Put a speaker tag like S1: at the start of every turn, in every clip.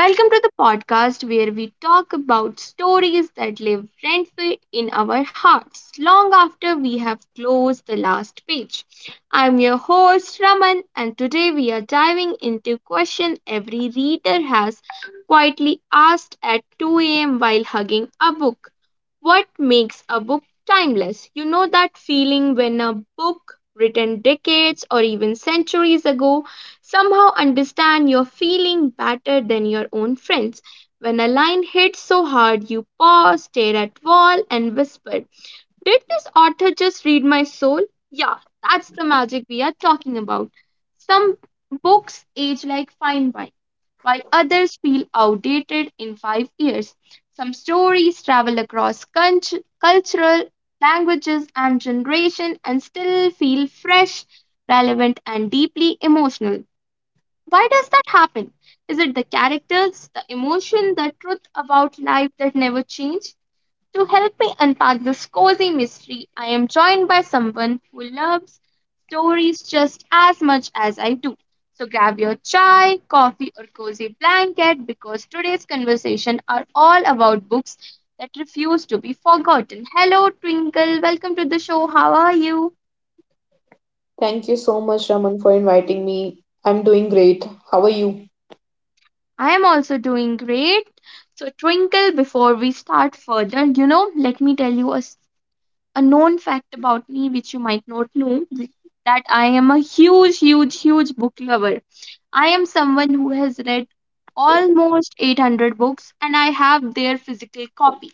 S1: Welcome to the podcast where we talk about stories that live rent free in our hearts long after we have closed the last page. I'm your host Raman, and today we are diving into question every reader has quietly asked at 2 a.m. while hugging a book. What makes a book timeless? That feeling when a book written decades or even centuries ago somehow understand you're feeling better than your own friends. When a line hits so hard, you pause, stare at wall, and whisper, did this author just read my soul? Yeah, that's the magic we are talking about. Some books age like fine wine, while others feel outdated in 5 years. Some stories travel across cultural languages and generation and still feel fresh, relevant, and deeply emotional. Why does that happen? Is it the characters, the emotion, the truth about life that never change? To help me unpack this cozy mystery, I am joined by someone who loves stories just as much as I do. So grab your chai, coffee, or cozy blanket because today's conversation are all about books that refuse to be forgotten. Hello, Twinkle. Welcome to the show. How are you?
S2: Thank you so much, Raman, for inviting me. I'm doing great. How are you?
S1: I am also doing great. So, Twinkle, before we start further, let me tell you a known fact about me which you might not know that I am a huge, huge, huge book lover. I am someone who has read almost 800 books and I have their physical copy.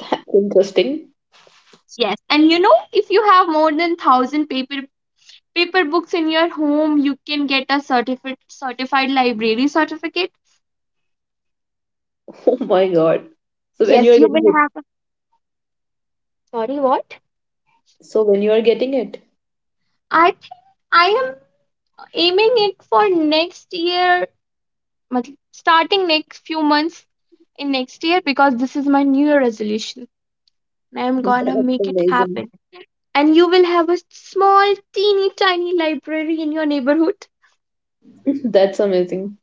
S2: That's interesting.
S1: Yes. And you know, if you have more than 1000 paper books in your home, you can get a certificate certified library certificate.
S2: Oh my God. So when you
S1: Yes,
S2: are
S1: you
S2: getting
S1: will
S2: it,
S1: have a sorry what?
S2: so when you are getting it,
S1: I think I am aiming it for next year, मतलब starting next few months in next year because this is my new year resolution. I'm gonna
S2: that's
S1: make it
S2: amazing.
S1: happen. And you will have a small, teeny tiny library in your neighborhood.
S2: That's amazing.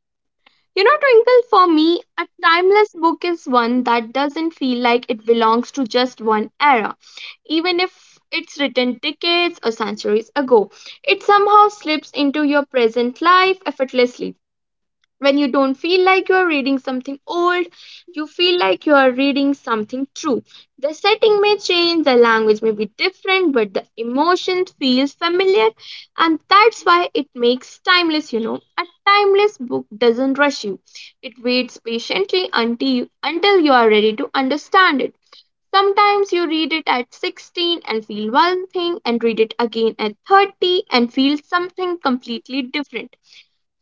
S1: You know, Twinkle, for me, a timeless book is one that doesn't feel like it belongs to just one era. Even if it's written decades or centuries ago, it somehow slips into your present life effortlessly. When you don't feel like you are reading something old, you feel like you are reading something true. The setting may change, the language may be different, but the emotion feels familiar, and that's why it makes timeless, you know. A timeless book doesn't rush you, it waits patiently until you are ready to understand it. Sometimes you read it at 16 and feel one thing, and read it again at 30 and feel something completely different.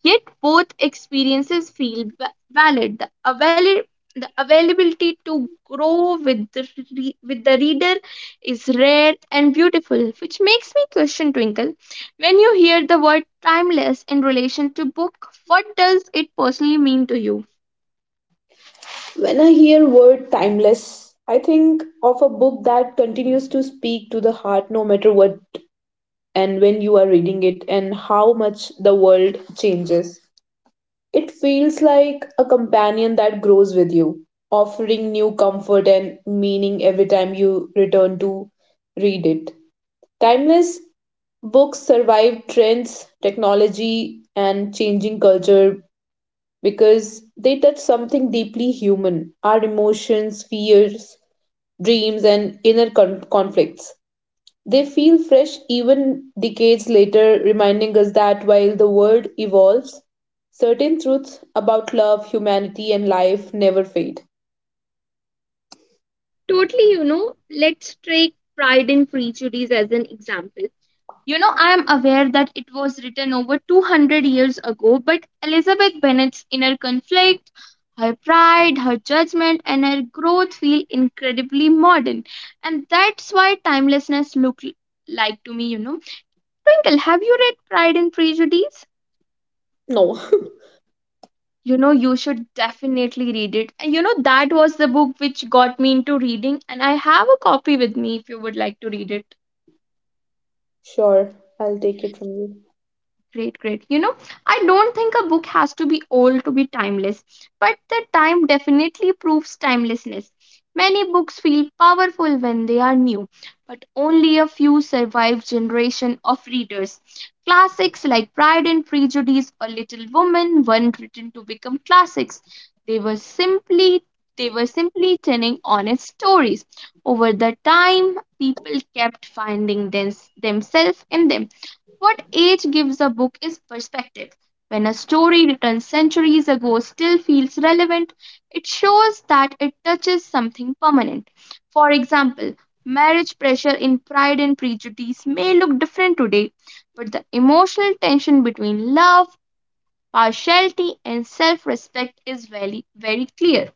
S1: Yet both experiences feel valid. The availability to grow with with the reader is rare and beautiful, which makes me question Twinkle. When you hear the word timeless in relation to book, what does it personally mean to you?
S2: When I hear word timeless, I think of a book that continues to speak to the heart no matter what and when you are reading it and how much the world changes. It feels like a companion that grows with you, offering new comfort and meaning every time you return to read it. Timeless books survive trends, technology, and changing culture because they touch something deeply human our emotions, fears, dreams, and inner conflicts. They feel fresh even decades later, reminding us that while the world evolves, certain truths about love, humanity, and life never fade.
S1: Totally, you know, let's take Pride and Prejudice as an example. You know, I am aware that it was written over 200 years ago, but Elizabeth Bennet's inner conflict, her pride, her judgment, and her growth feel incredibly modern. And that's why timelessness looked like to me, you know. Twinkle, have you read Pride and Prejudice?
S2: No.
S1: You know, you should definitely read it. And you know, that was the book which got me into reading, and I have a copy with me if you would like to read it.
S2: Sure, I'll take it from you.
S1: Great, great. You know, I don't think a book has to be old to be timeless, but the time definitely proves timelessness. Many books feel powerful when they are new, but only a few survive generation of readers. Classics like Pride and Prejudice or Little Women weren't written to become classics. They were simply they were simply telling honest stories. Over the time, people kept finding them, themselves in them. What age gives a book is perspective. When a story written centuries ago still feels relevant, it shows that it touches something permanent. For example, marriage pressure in Pride and Prejudice may look different today, but the emotional tension between love, partiality, and self respect is very, very clear.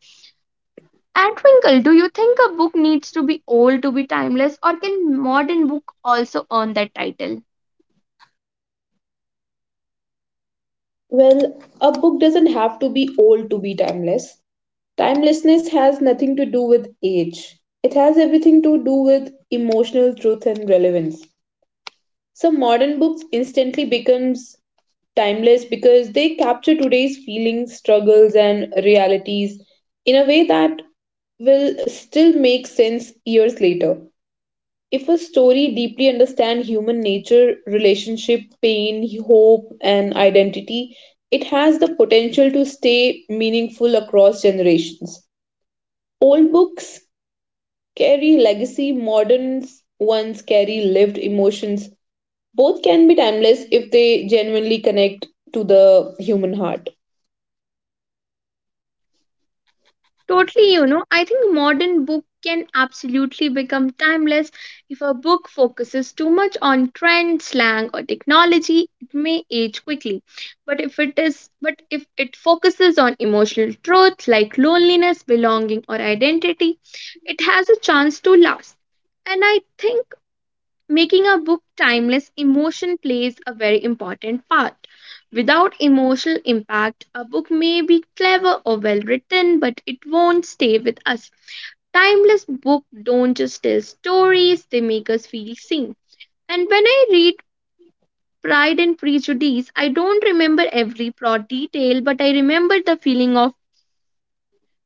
S1: And Twinkle, do you think a book needs to be old to be timeless, or can modern book also earn that title?
S2: Well, a book doesn't have to be old to be timeless. Timelessness has nothing to do with age, it has everything to do with emotional truth and relevance. So modern books instantly becomes timeless because they capture today's feelings, struggles and realities in a way that will still make sense years later. If a story deeply understands human nature, relationship, pain, hope, and identity, it has the potential to stay meaningful across generations. Old books carry legacy, modern ones carry lived emotions, both can be timeless if they genuinely connect to the human heart.
S1: Totally, you know, I think modern book can absolutely become timeless if a book focuses too much on trend, slang, or technology. It may age quickly, but if it focuses on emotional truth like loneliness, belonging, or identity, it has a chance to last. And I think making a book timeless, emotion plays a very important part. Without emotional impact, a book may be clever or well written, but it won't stay with us. Timeless books don't just tell stories, they make us feel seen. And when I read Pride and Prejudice, I don't remember every plot detail, but I remember the feeling of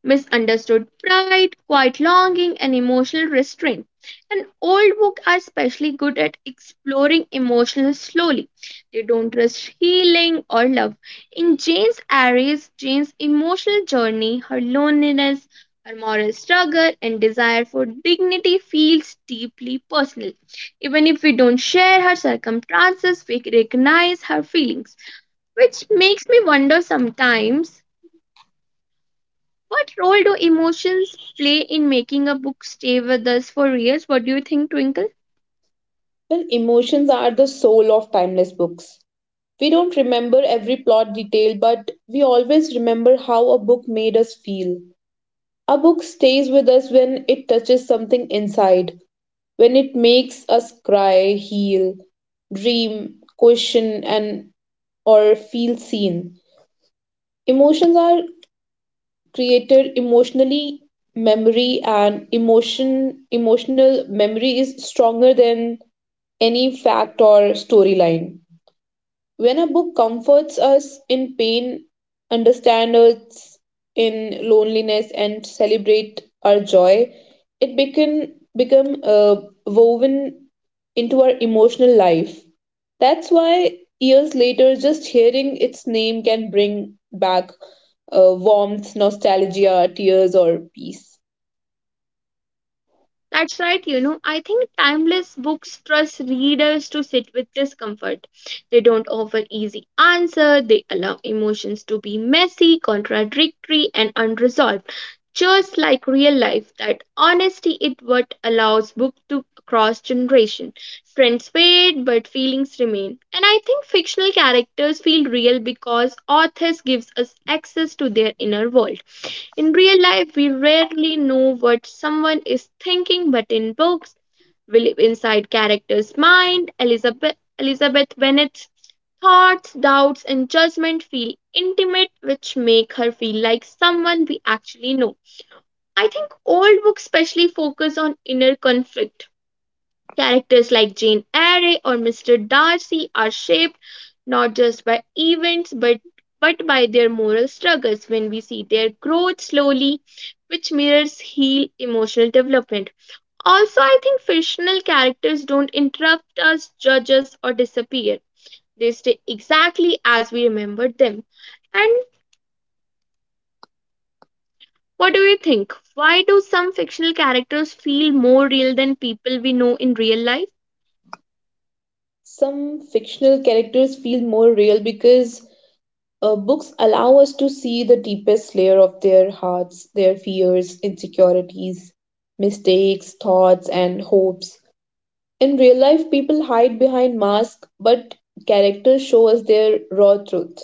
S1: misunderstood pride, quiet longing, and emotional restraint. And old books are especially good at exploring emotions slowly. They don't rush healing or love. In Jane's Aries, Jane's emotional journey, her loneliness, her moral struggle, and desire for dignity feels deeply personal. Even if we don't share her circumstances, we recognize her feelings, which makes me wonder sometimes what role do emotions play in making a book stay with us for years? What do you think, Twinkle?
S2: Well, emotions are the soul of timeless books. We don't remember every plot detail, but we always remember how a book made us feel. A book stays with us when it touches something inside, when it makes us cry, heal, dream, question, and or feel seen. Emotions are created emotionally memory and emotional memory is stronger than any fact or storyline when a book comforts us in pain, understands us in loneliness, and celebrates our joy, it become woven into our emotional life. That's why years later, just hearing its name can bring back warmth, nostalgia, tears, or peace.
S1: That's right, you know. I think timeless books trust readers to sit with discomfort. They don't offer easy answer. They allow emotions to be messy, contradictory, and unresolved. Just like real life, that honesty is what allows book to cross generation. Trends fade, but feelings remain. And I think fictional characters feel real because authors gives us access to their inner world. In real life, we rarely know what someone is thinking, but in books, we live inside characters' mind. Elizabeth Bennet's thoughts, doubts, and judgment feel intimate, which make her feel like someone we actually know. I think old books especially focus on inner conflict. Characters like Jane Eyre or Mr. Darcy are shaped not just by events but by their moral struggles when we see their growth slowly, which mirrors heal emotional development. Also, I think fictional characters don't interrupt us, judge us, or disappear. They stay exactly as we remembered them. And what do you think? Why do some fictional characters feel more real than people we know in real life?
S2: Some fictional characters feel more real because books allow us to see the deepest layer of their hearts, their fears, insecurities, mistakes, thoughts, and hopes. In real life, people hide behind masks, but characters show us their raw truth.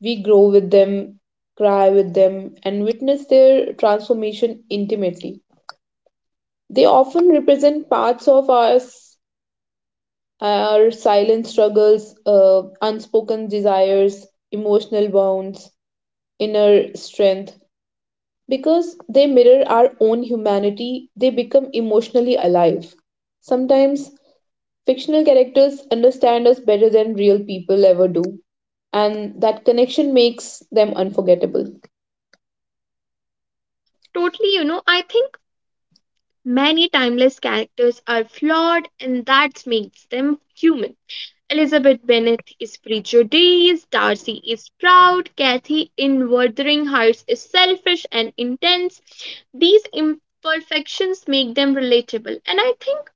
S2: We grow with them, cry with them, and witness their transformation intimately. They often represent parts of us, our silent struggles, unspoken desires, emotional wounds, inner strength because they mirror our own humanity, they become emotionally alive. Sometimes fictional characters understand us better than real people ever do, and that connection makes them unforgettable.
S1: Totally, you know, I think many timeless characters are flawed, and that makes them human. Elizabeth Bennet is prejudiced, Darcy is proud, Kathy in Wuthering Heights is selfish and intense. These imperfections make them relatable, and I think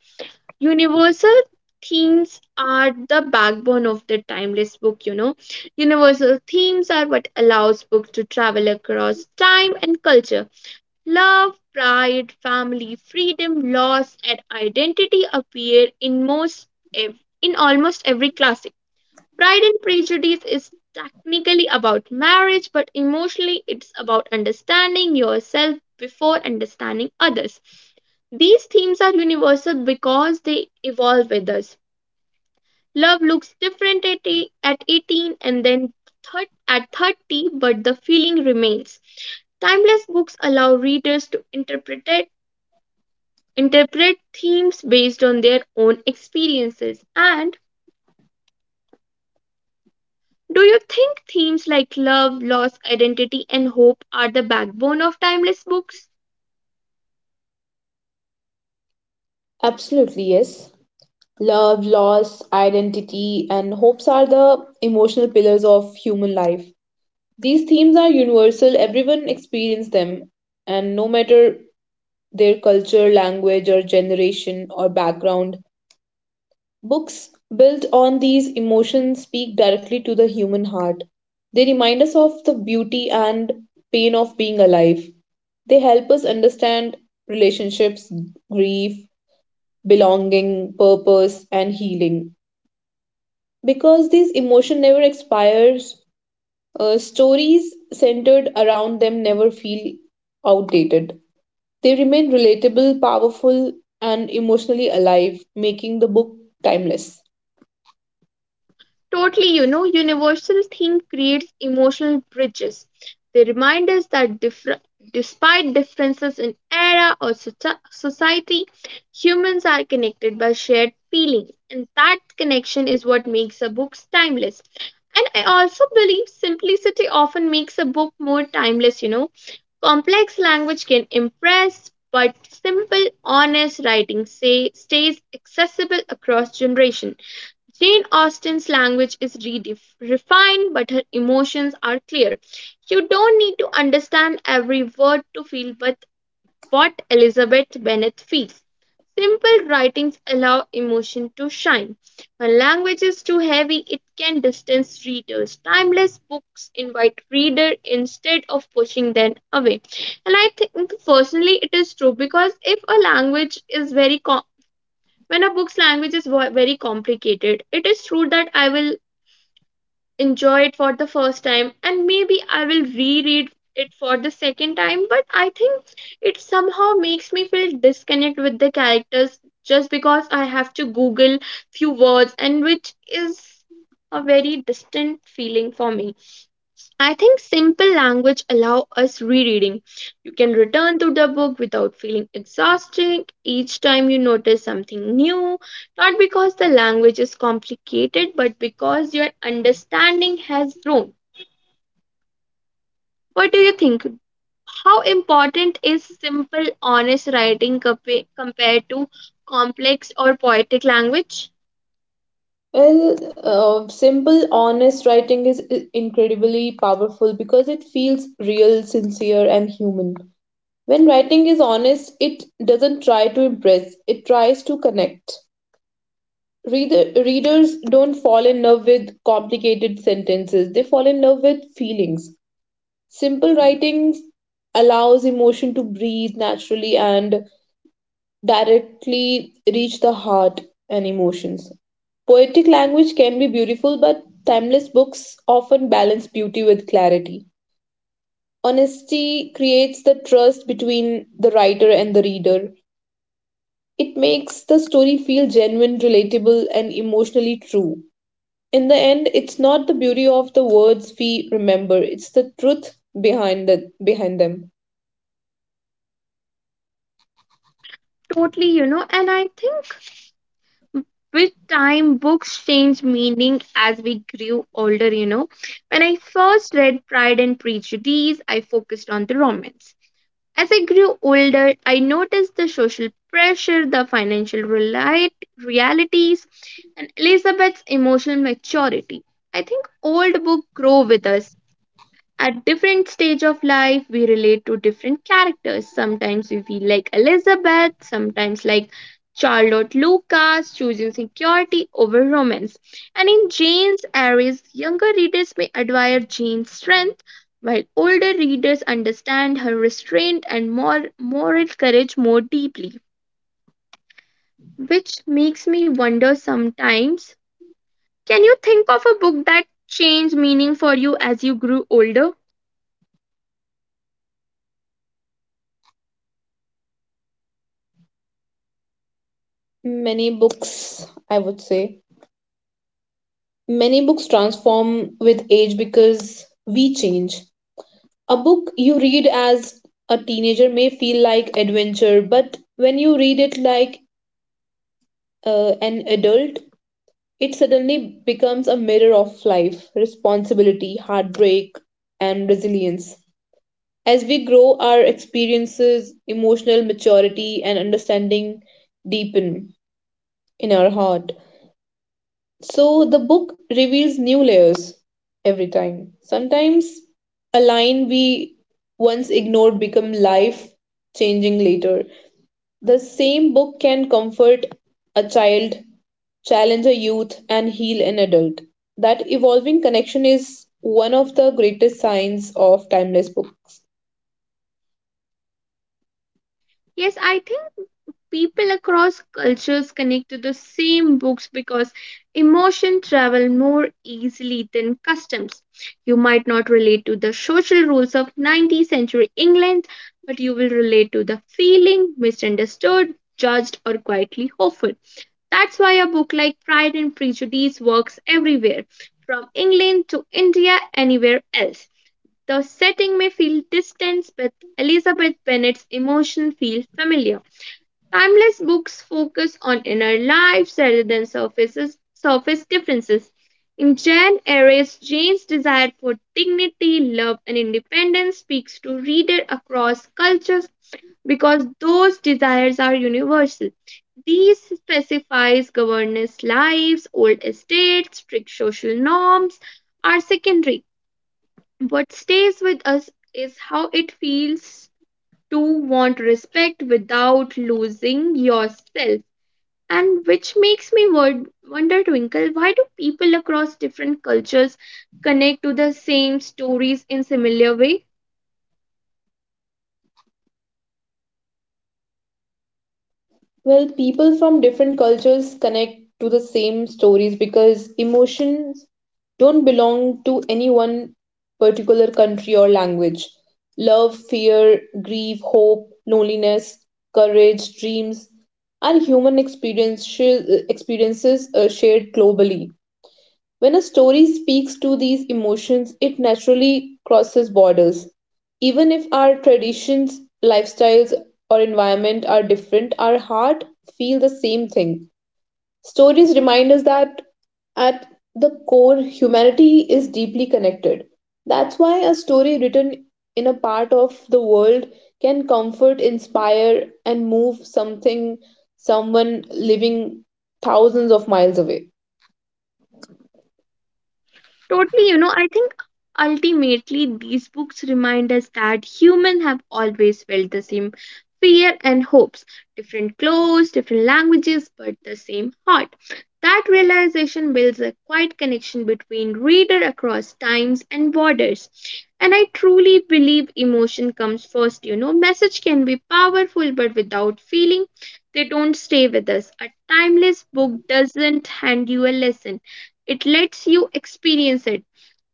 S1: universal themes are the backbone of the timeless book, you know, universal themes are what allows book to travel across time and culture. Love, pride, family, freedom, loss, and identity appear in most in almost every classic. Pride and Prejudice is technically about marriage, but emotionally it's about understanding yourself before understanding others. These themes are universal because they evolve with us. Love looks different at 18 and then thir- at 30, but the feeling remains. Timeless books allow readers to interpret themes based on their own experiences. And do you think themes like love, loss, identity, and hope are the backbone of timeless books?
S2: Absolutely, yes. Love, loss, identity, and hopes are the emotional pillars of human life. These themes are universal, everyone experiences them, and no matter their culture, language, or generation or background, books built on these emotions speak directly to the human heart. They remind us of the beauty and pain of being alive. They help us understand relationships, grief, belonging, purpose, and healing. Because these emotions never expires, stories centered around them never feel outdated. They remain relatable, powerful, and emotionally alive, making the book timeless.
S1: Totally, you know, universal theme creates emotional bridges. They remind us that despite differences in era or society, humans are connected by shared feeling, and that connection is what makes a book timeless. And I also believe simplicity often makes a book more timeless, you know. Complex language can impress, but simple, honest writing say, stays accessible across generation. Jane Austen's language is refined, but her emotions are clear. You don't need to understand every word to feel but what Elizabeth Bennet feels. Simple writings allow emotion to shine. When language is too heavy, it can distance readers. Timeless books invite reader instead of pushing them away. And I think personally it is true because if a language is very co- when a book's language is very complicated, it is true that I will enjoy it for the first time and maybe I will reread it for the second time, but I think it somehow makes me feel disconnect with the characters just because I have to Google few words and which is a very distant feeling for me. I think simple language allow us rereading. You can return to the book without feeling exhausted each time you notice something new, not because the language is complicated but because your understanding has grown. What do you think? How important is simple honest writing compared to complex or poetic language?
S2: Well, simple, honest writing is incredibly powerful because it feels real, sincere, and human. When writing is honest, it doesn't try to impress, it tries to connect. Readers don't fall in love with complicated sentences, they fall in love with feelings. Simple writing allows emotion to breathe naturally and directly reach the heart and emotions. Poetic language can be beautiful, but timeless books often balance beauty with clarity. Honesty creates the trust between the writer and the reader. It makes the story feel genuine, relatable, and emotionally true. In the end, it's not the beauty of the words we remember, it's the truth behind the behind them.
S1: Totally, and I think with time books changed meaning as we grew older. When I first read Pride and Prejudice, I focused on the romance. As I grew older, I noticed the social pressure, the realities, and Elizabeth's emotional maturity. I think old books grow with us. At different stage of life, we relate to different characters. Sometimes we feel like Elizabeth, sometimes like Charlotte Lucas, choosing security over romance. And in Jane's Aries, younger readers may admire Jane's strength, while older readers understand her restraint and more moral courage more deeply. Which makes me wonder sometimes, can you think of a book that changed meaning for you as you grew older?
S2: Many books, I would say, many books transform with age because we change. A book you read as a teenager may feel like adventure, but when you read it like an adult, it suddenly becomes a mirror of life, responsibility, heartbreak, and resilience. As we grow, our experiences, emotional maturity, and understanding deepen in our heart. So the book reveals new layers every time. Sometimes a line we once ignored become life changing later. The same book can comfort a child, challenge a youth and heal an adult. That evolving connection is one of the greatest signs of timeless books.
S1: Yes, I think people across cultures connect to the same books because emotion travel more easily than customs. You might not relate to the social rules of 19th century England, but you will relate to the feeling misunderstood, judged, or quietly hopeful. That's why a book like Pride and Prejudice works everywhere, from England to India, anywhere else. The setting may feel distant, but Elizabeth Bennet's emotions feel familiar. Timeless books focus on inner lives rather than surface differences. In Jane Eyre's, Jane's desire for dignity, love, and independence speaks to readers across cultures because those desires are universal. These specifies governess lives, old estates, strict social norms are secondary. What stays with us is how it feels to want respect without losing yourself. And which makes me wonder, Twinkle, why do people across different cultures connect to the same stories in similar way?
S2: Well, people from different cultures connect to the same stories because emotions don't belong to any one particular country or language. Love, fear, grief, hope, loneliness, courage, dreams are human experiences shared globally. When a story speaks to these emotions, it naturally crosses borders. Even if our traditions, lifestyles, or environment are different, our heart feel the same thing. Stories remind us that at the core, humanity is deeply connected. That's why a story written in a part of the world can comfort, inspire, and move someone living thousands of miles away.
S1: Totally, I think ultimately these books remind us that humans have always felt the same fear and hopes, different clothes, different languages, but the same heart. That realization builds a quiet connection between reader across times and borders. And I truly believe emotion comes first, Message can be powerful, but without feeling, they don't stay with us. A timeless book doesn't hand you a lesson, it lets you experience it.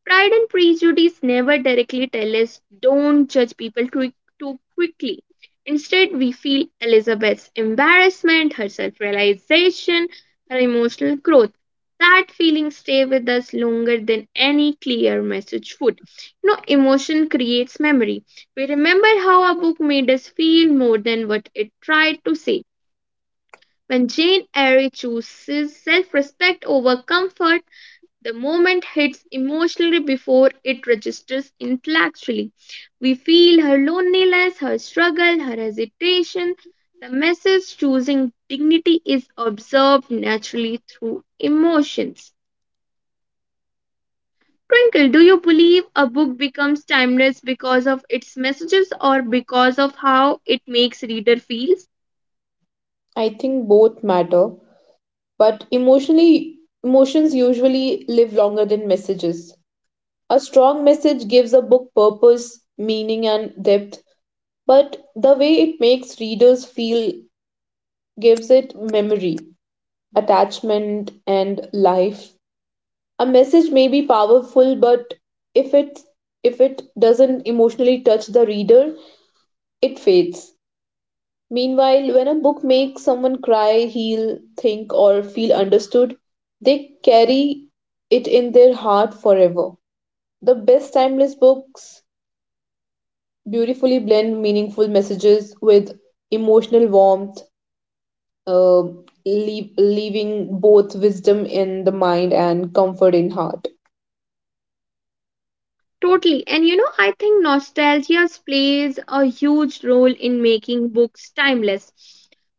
S1: Pride and Prejudice never directly tell us don't judge people too quickly. Instead, we feel Elizabeth's embarrassment, her self realization, her emotional growth. That feeling stay with us longer than any clear message would. You know, emotion creates memory. We remember how a book made us feel more than what it tried to say. When Jane Eyre chooses self respect over comfort, the moment hits emotionally before it registers intellectually. We feel her loneliness, her struggle, her hesitation. The message choosing dignity is observed naturally through emotions. Twinkle, do you believe a book becomes timeless because of its messages or because of how it makes reader feel?
S2: I think both matter but emotionally, emotions usually live longer than messages. A strong message gives a book purpose, meaning, and depth, but the way it makes readers feel gives it memory, attachment, and life. A message may be powerful, but if it if it doesn't emotionally touch the reader, it fades. Meanwhile, when a book makes someone cry, heal, think, or feel understood, they carry it in their heart forever. The best timeless books beautifully blend meaningful messages with emotional warmth, uh, leaving both wisdom in the mind and comfort in heart.
S1: Totally. And you know, I think nostalgia plays a huge role in making books timeless.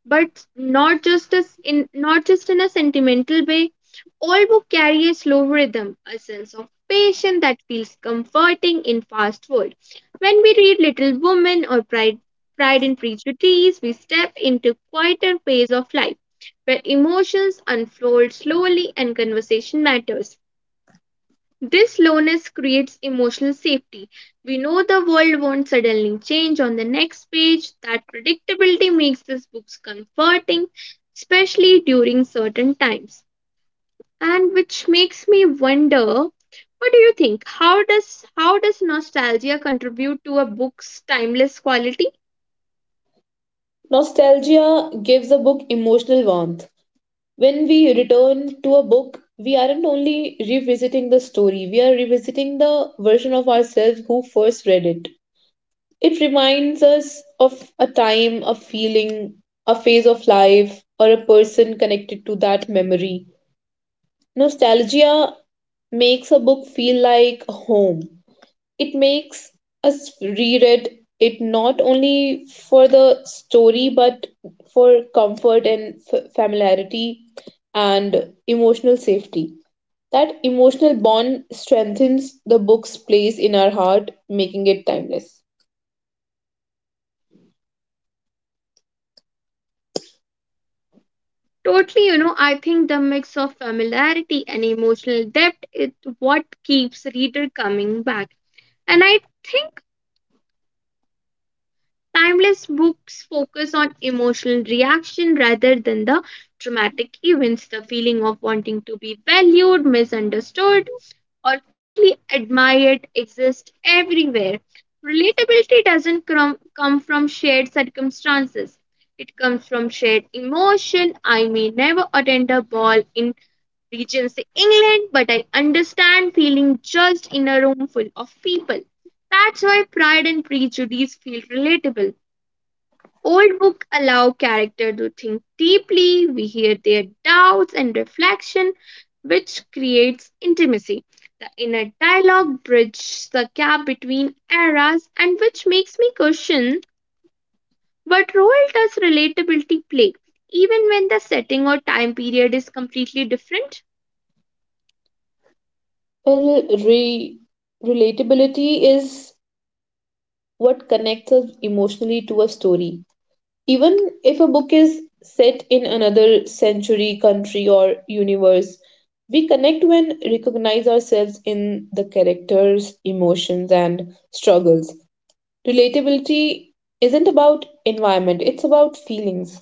S1: But not just as in not just in a sentimental way. All books carry a slow rhythm, a sense of patience that feels comforting in fast world. When we read Little Women or Pride and Prejudice, we step into quieter phase of life where emotions unfold slowly and conversation matters. This slowness creates emotional safety. We know the world won't suddenly change on the next page. That predictability makes these books comforting, especially during certain times. And which makes me wonder, what do you think? How does nostalgia contribute to a book's timeless quality?
S2: Nostalgia gives a book emotional warmth. When we return to a book, we aren't only revisiting the story, we are revisiting the version of ourselves who first read it. It reminds us of a time, a feeling, a phase of life, or a person connected to that memory. Nostalgia makes a book feel like home it makes us reread it not only for the story but for comfort and familiarity and emotional safety. That emotional bond strengthens the book's place in our heart, making it timeless.
S1: Totally, I think the mix of familiarity and emotional depth is what keeps reader coming back. And I think timeless books focus on emotional reaction rather than the dramatic events, the feeling of wanting to be valued, misunderstood, or quietly admired exists everywhere. Relatability doesn't come, come from shared circumstances. It comes from shared emotion. I may never attend a ball in Regency, England, but I understand feeling judged in a room full of people. That's why Pride and Prejudice feel relatable. Old books allow character to think deeply, we hear their doubts and reflection, which creates intimacy. The inner dialogue bridges the gap between eras, and which makes me question what role does relatability play, even when the setting or time period is completely different?
S2: Well, relatability is what connects us emotionally to a story. Even if a book is set in another century, country, or universe, we connect when recognize ourselves in the characters, emotions, and struggles. Relatability isn't about environment, it's about feelings.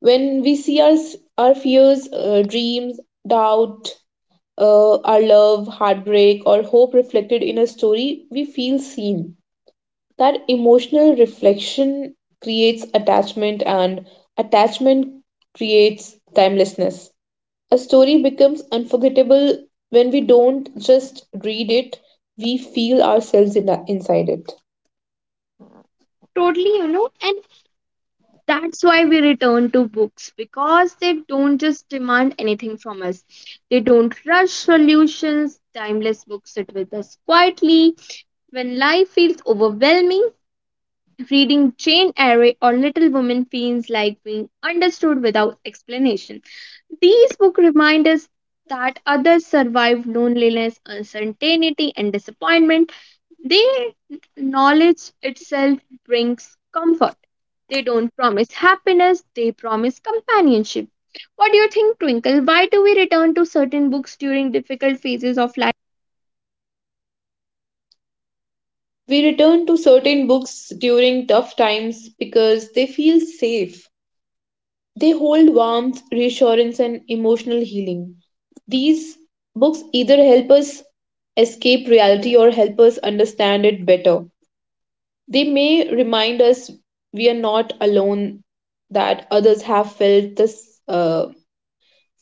S2: When we see our fears, dreams, doubt, our love, heartbreak, or hope reflected in a story, we feel seen that emotional reflection creates attachment and attachment creates timelessness a story becomes unforgettable when we don't just read it we feel ourselves in inside it.
S1: Totally, and that's why we return to books because they don't just demand anything from us. They don't rush solutions. Timeless books sit with us quietly. When life feels overwhelming, reading Jane Eyre or Little Women feels like being understood without explanation. These books remind us that others survive loneliness, uncertainty, and disappointment. They knowledge itself brings comfort. They don't promise happiness, they promise companionship. What do you think, Twinkle? Why do we return to certain books during difficult phases of life?
S2: We return to certain books during tough times because they feel safe they hold warmth reassurance and emotional healing these books either help us escape reality or help us understand it better. They may remind us we are not alone, that others have felt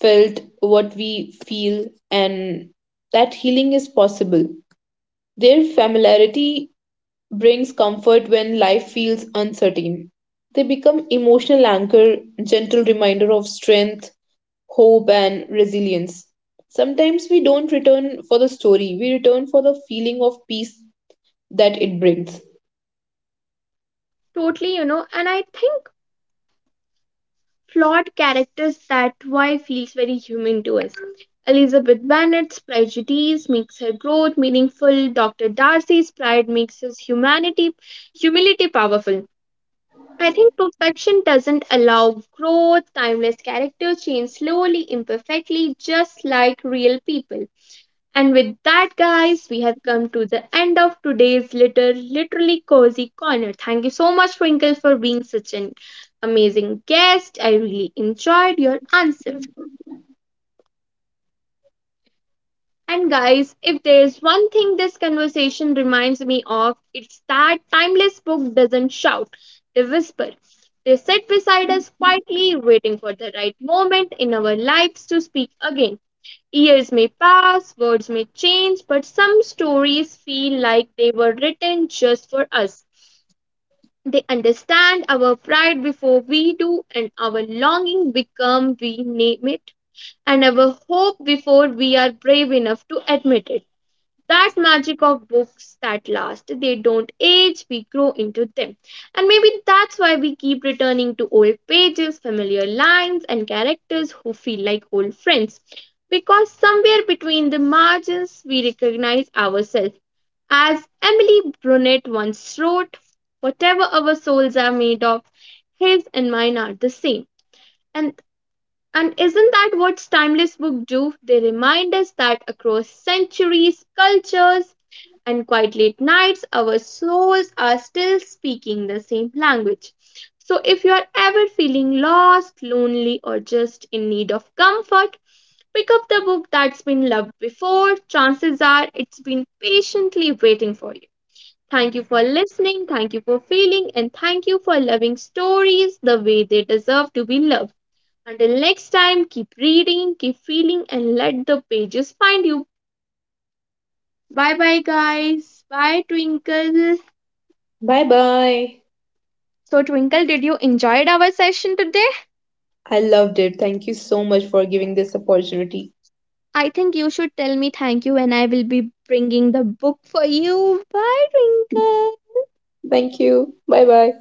S2: felt what we feel, and that healing is possible. Their familiarity brings comfort when life feels uncertain. They become emotional anchor, gentle reminder of strength, hope, and resilience. Sometimes we don't return for the story, we return for the feeling of peace that it brings.
S1: Totally, and I think flawed characters that why feels very human to us. Elizabeth Bennet's prejudice makes her growth meaningful. Dr. Darcy's pride makes his humanity humility powerful. I think perfection doesn't allow growth, timeless characters change slowly, imperfectly, just like real people. And with that, guys, we have come to the end of today's literally cozy corner. Thank you so much, Twinkle, for being such an amazing guest. I really enjoyed your answer. And guys, if there's one thing this conversation reminds me of, it's that timeless book doesn't shout, they whisper. They sit beside us quietly, waiting for the right moment in our lives to speak again. Years may pass, words may change, but some stories feel like they were written just for us. They understand our pride before we do, and our longing become we name it, and our hope before we are brave enough to admit it, that magic of books that last. They don't age, we grow into them. And maybe that's why we keep returning to old pages, familiar lines, and characters who feel like old friends. Because somewhere between the margins, we recognize ourselves. As Emily Brunette once wrote, whatever our souls are made of, his and mine are the same. And and isn't that what timeless books do? They remind us that across centuries, cultures, and quite late nights, our souls are still speaking the same language. So, if you are ever feeling lost, lonely, or just in need of comfort, pick up the book that's been loved before. Chances are it's been patiently waiting for you. Thank you for listening, thank you for feeling, and thank you for loving stories the way they deserve to be loved. Until next time, keep reading, keep feeling, and let the pages find you. Bye bye, guys. Bye, Twinkle.
S2: Bye bye.
S1: So, Twinkle, did you enjoyed our session today?
S2: I loved it. Thank you so much for giving this opportunity.
S1: I think you should tell me thank you, and I will be bringing the book for you. Bye, Twinkle.
S2: Thank you. Bye bye.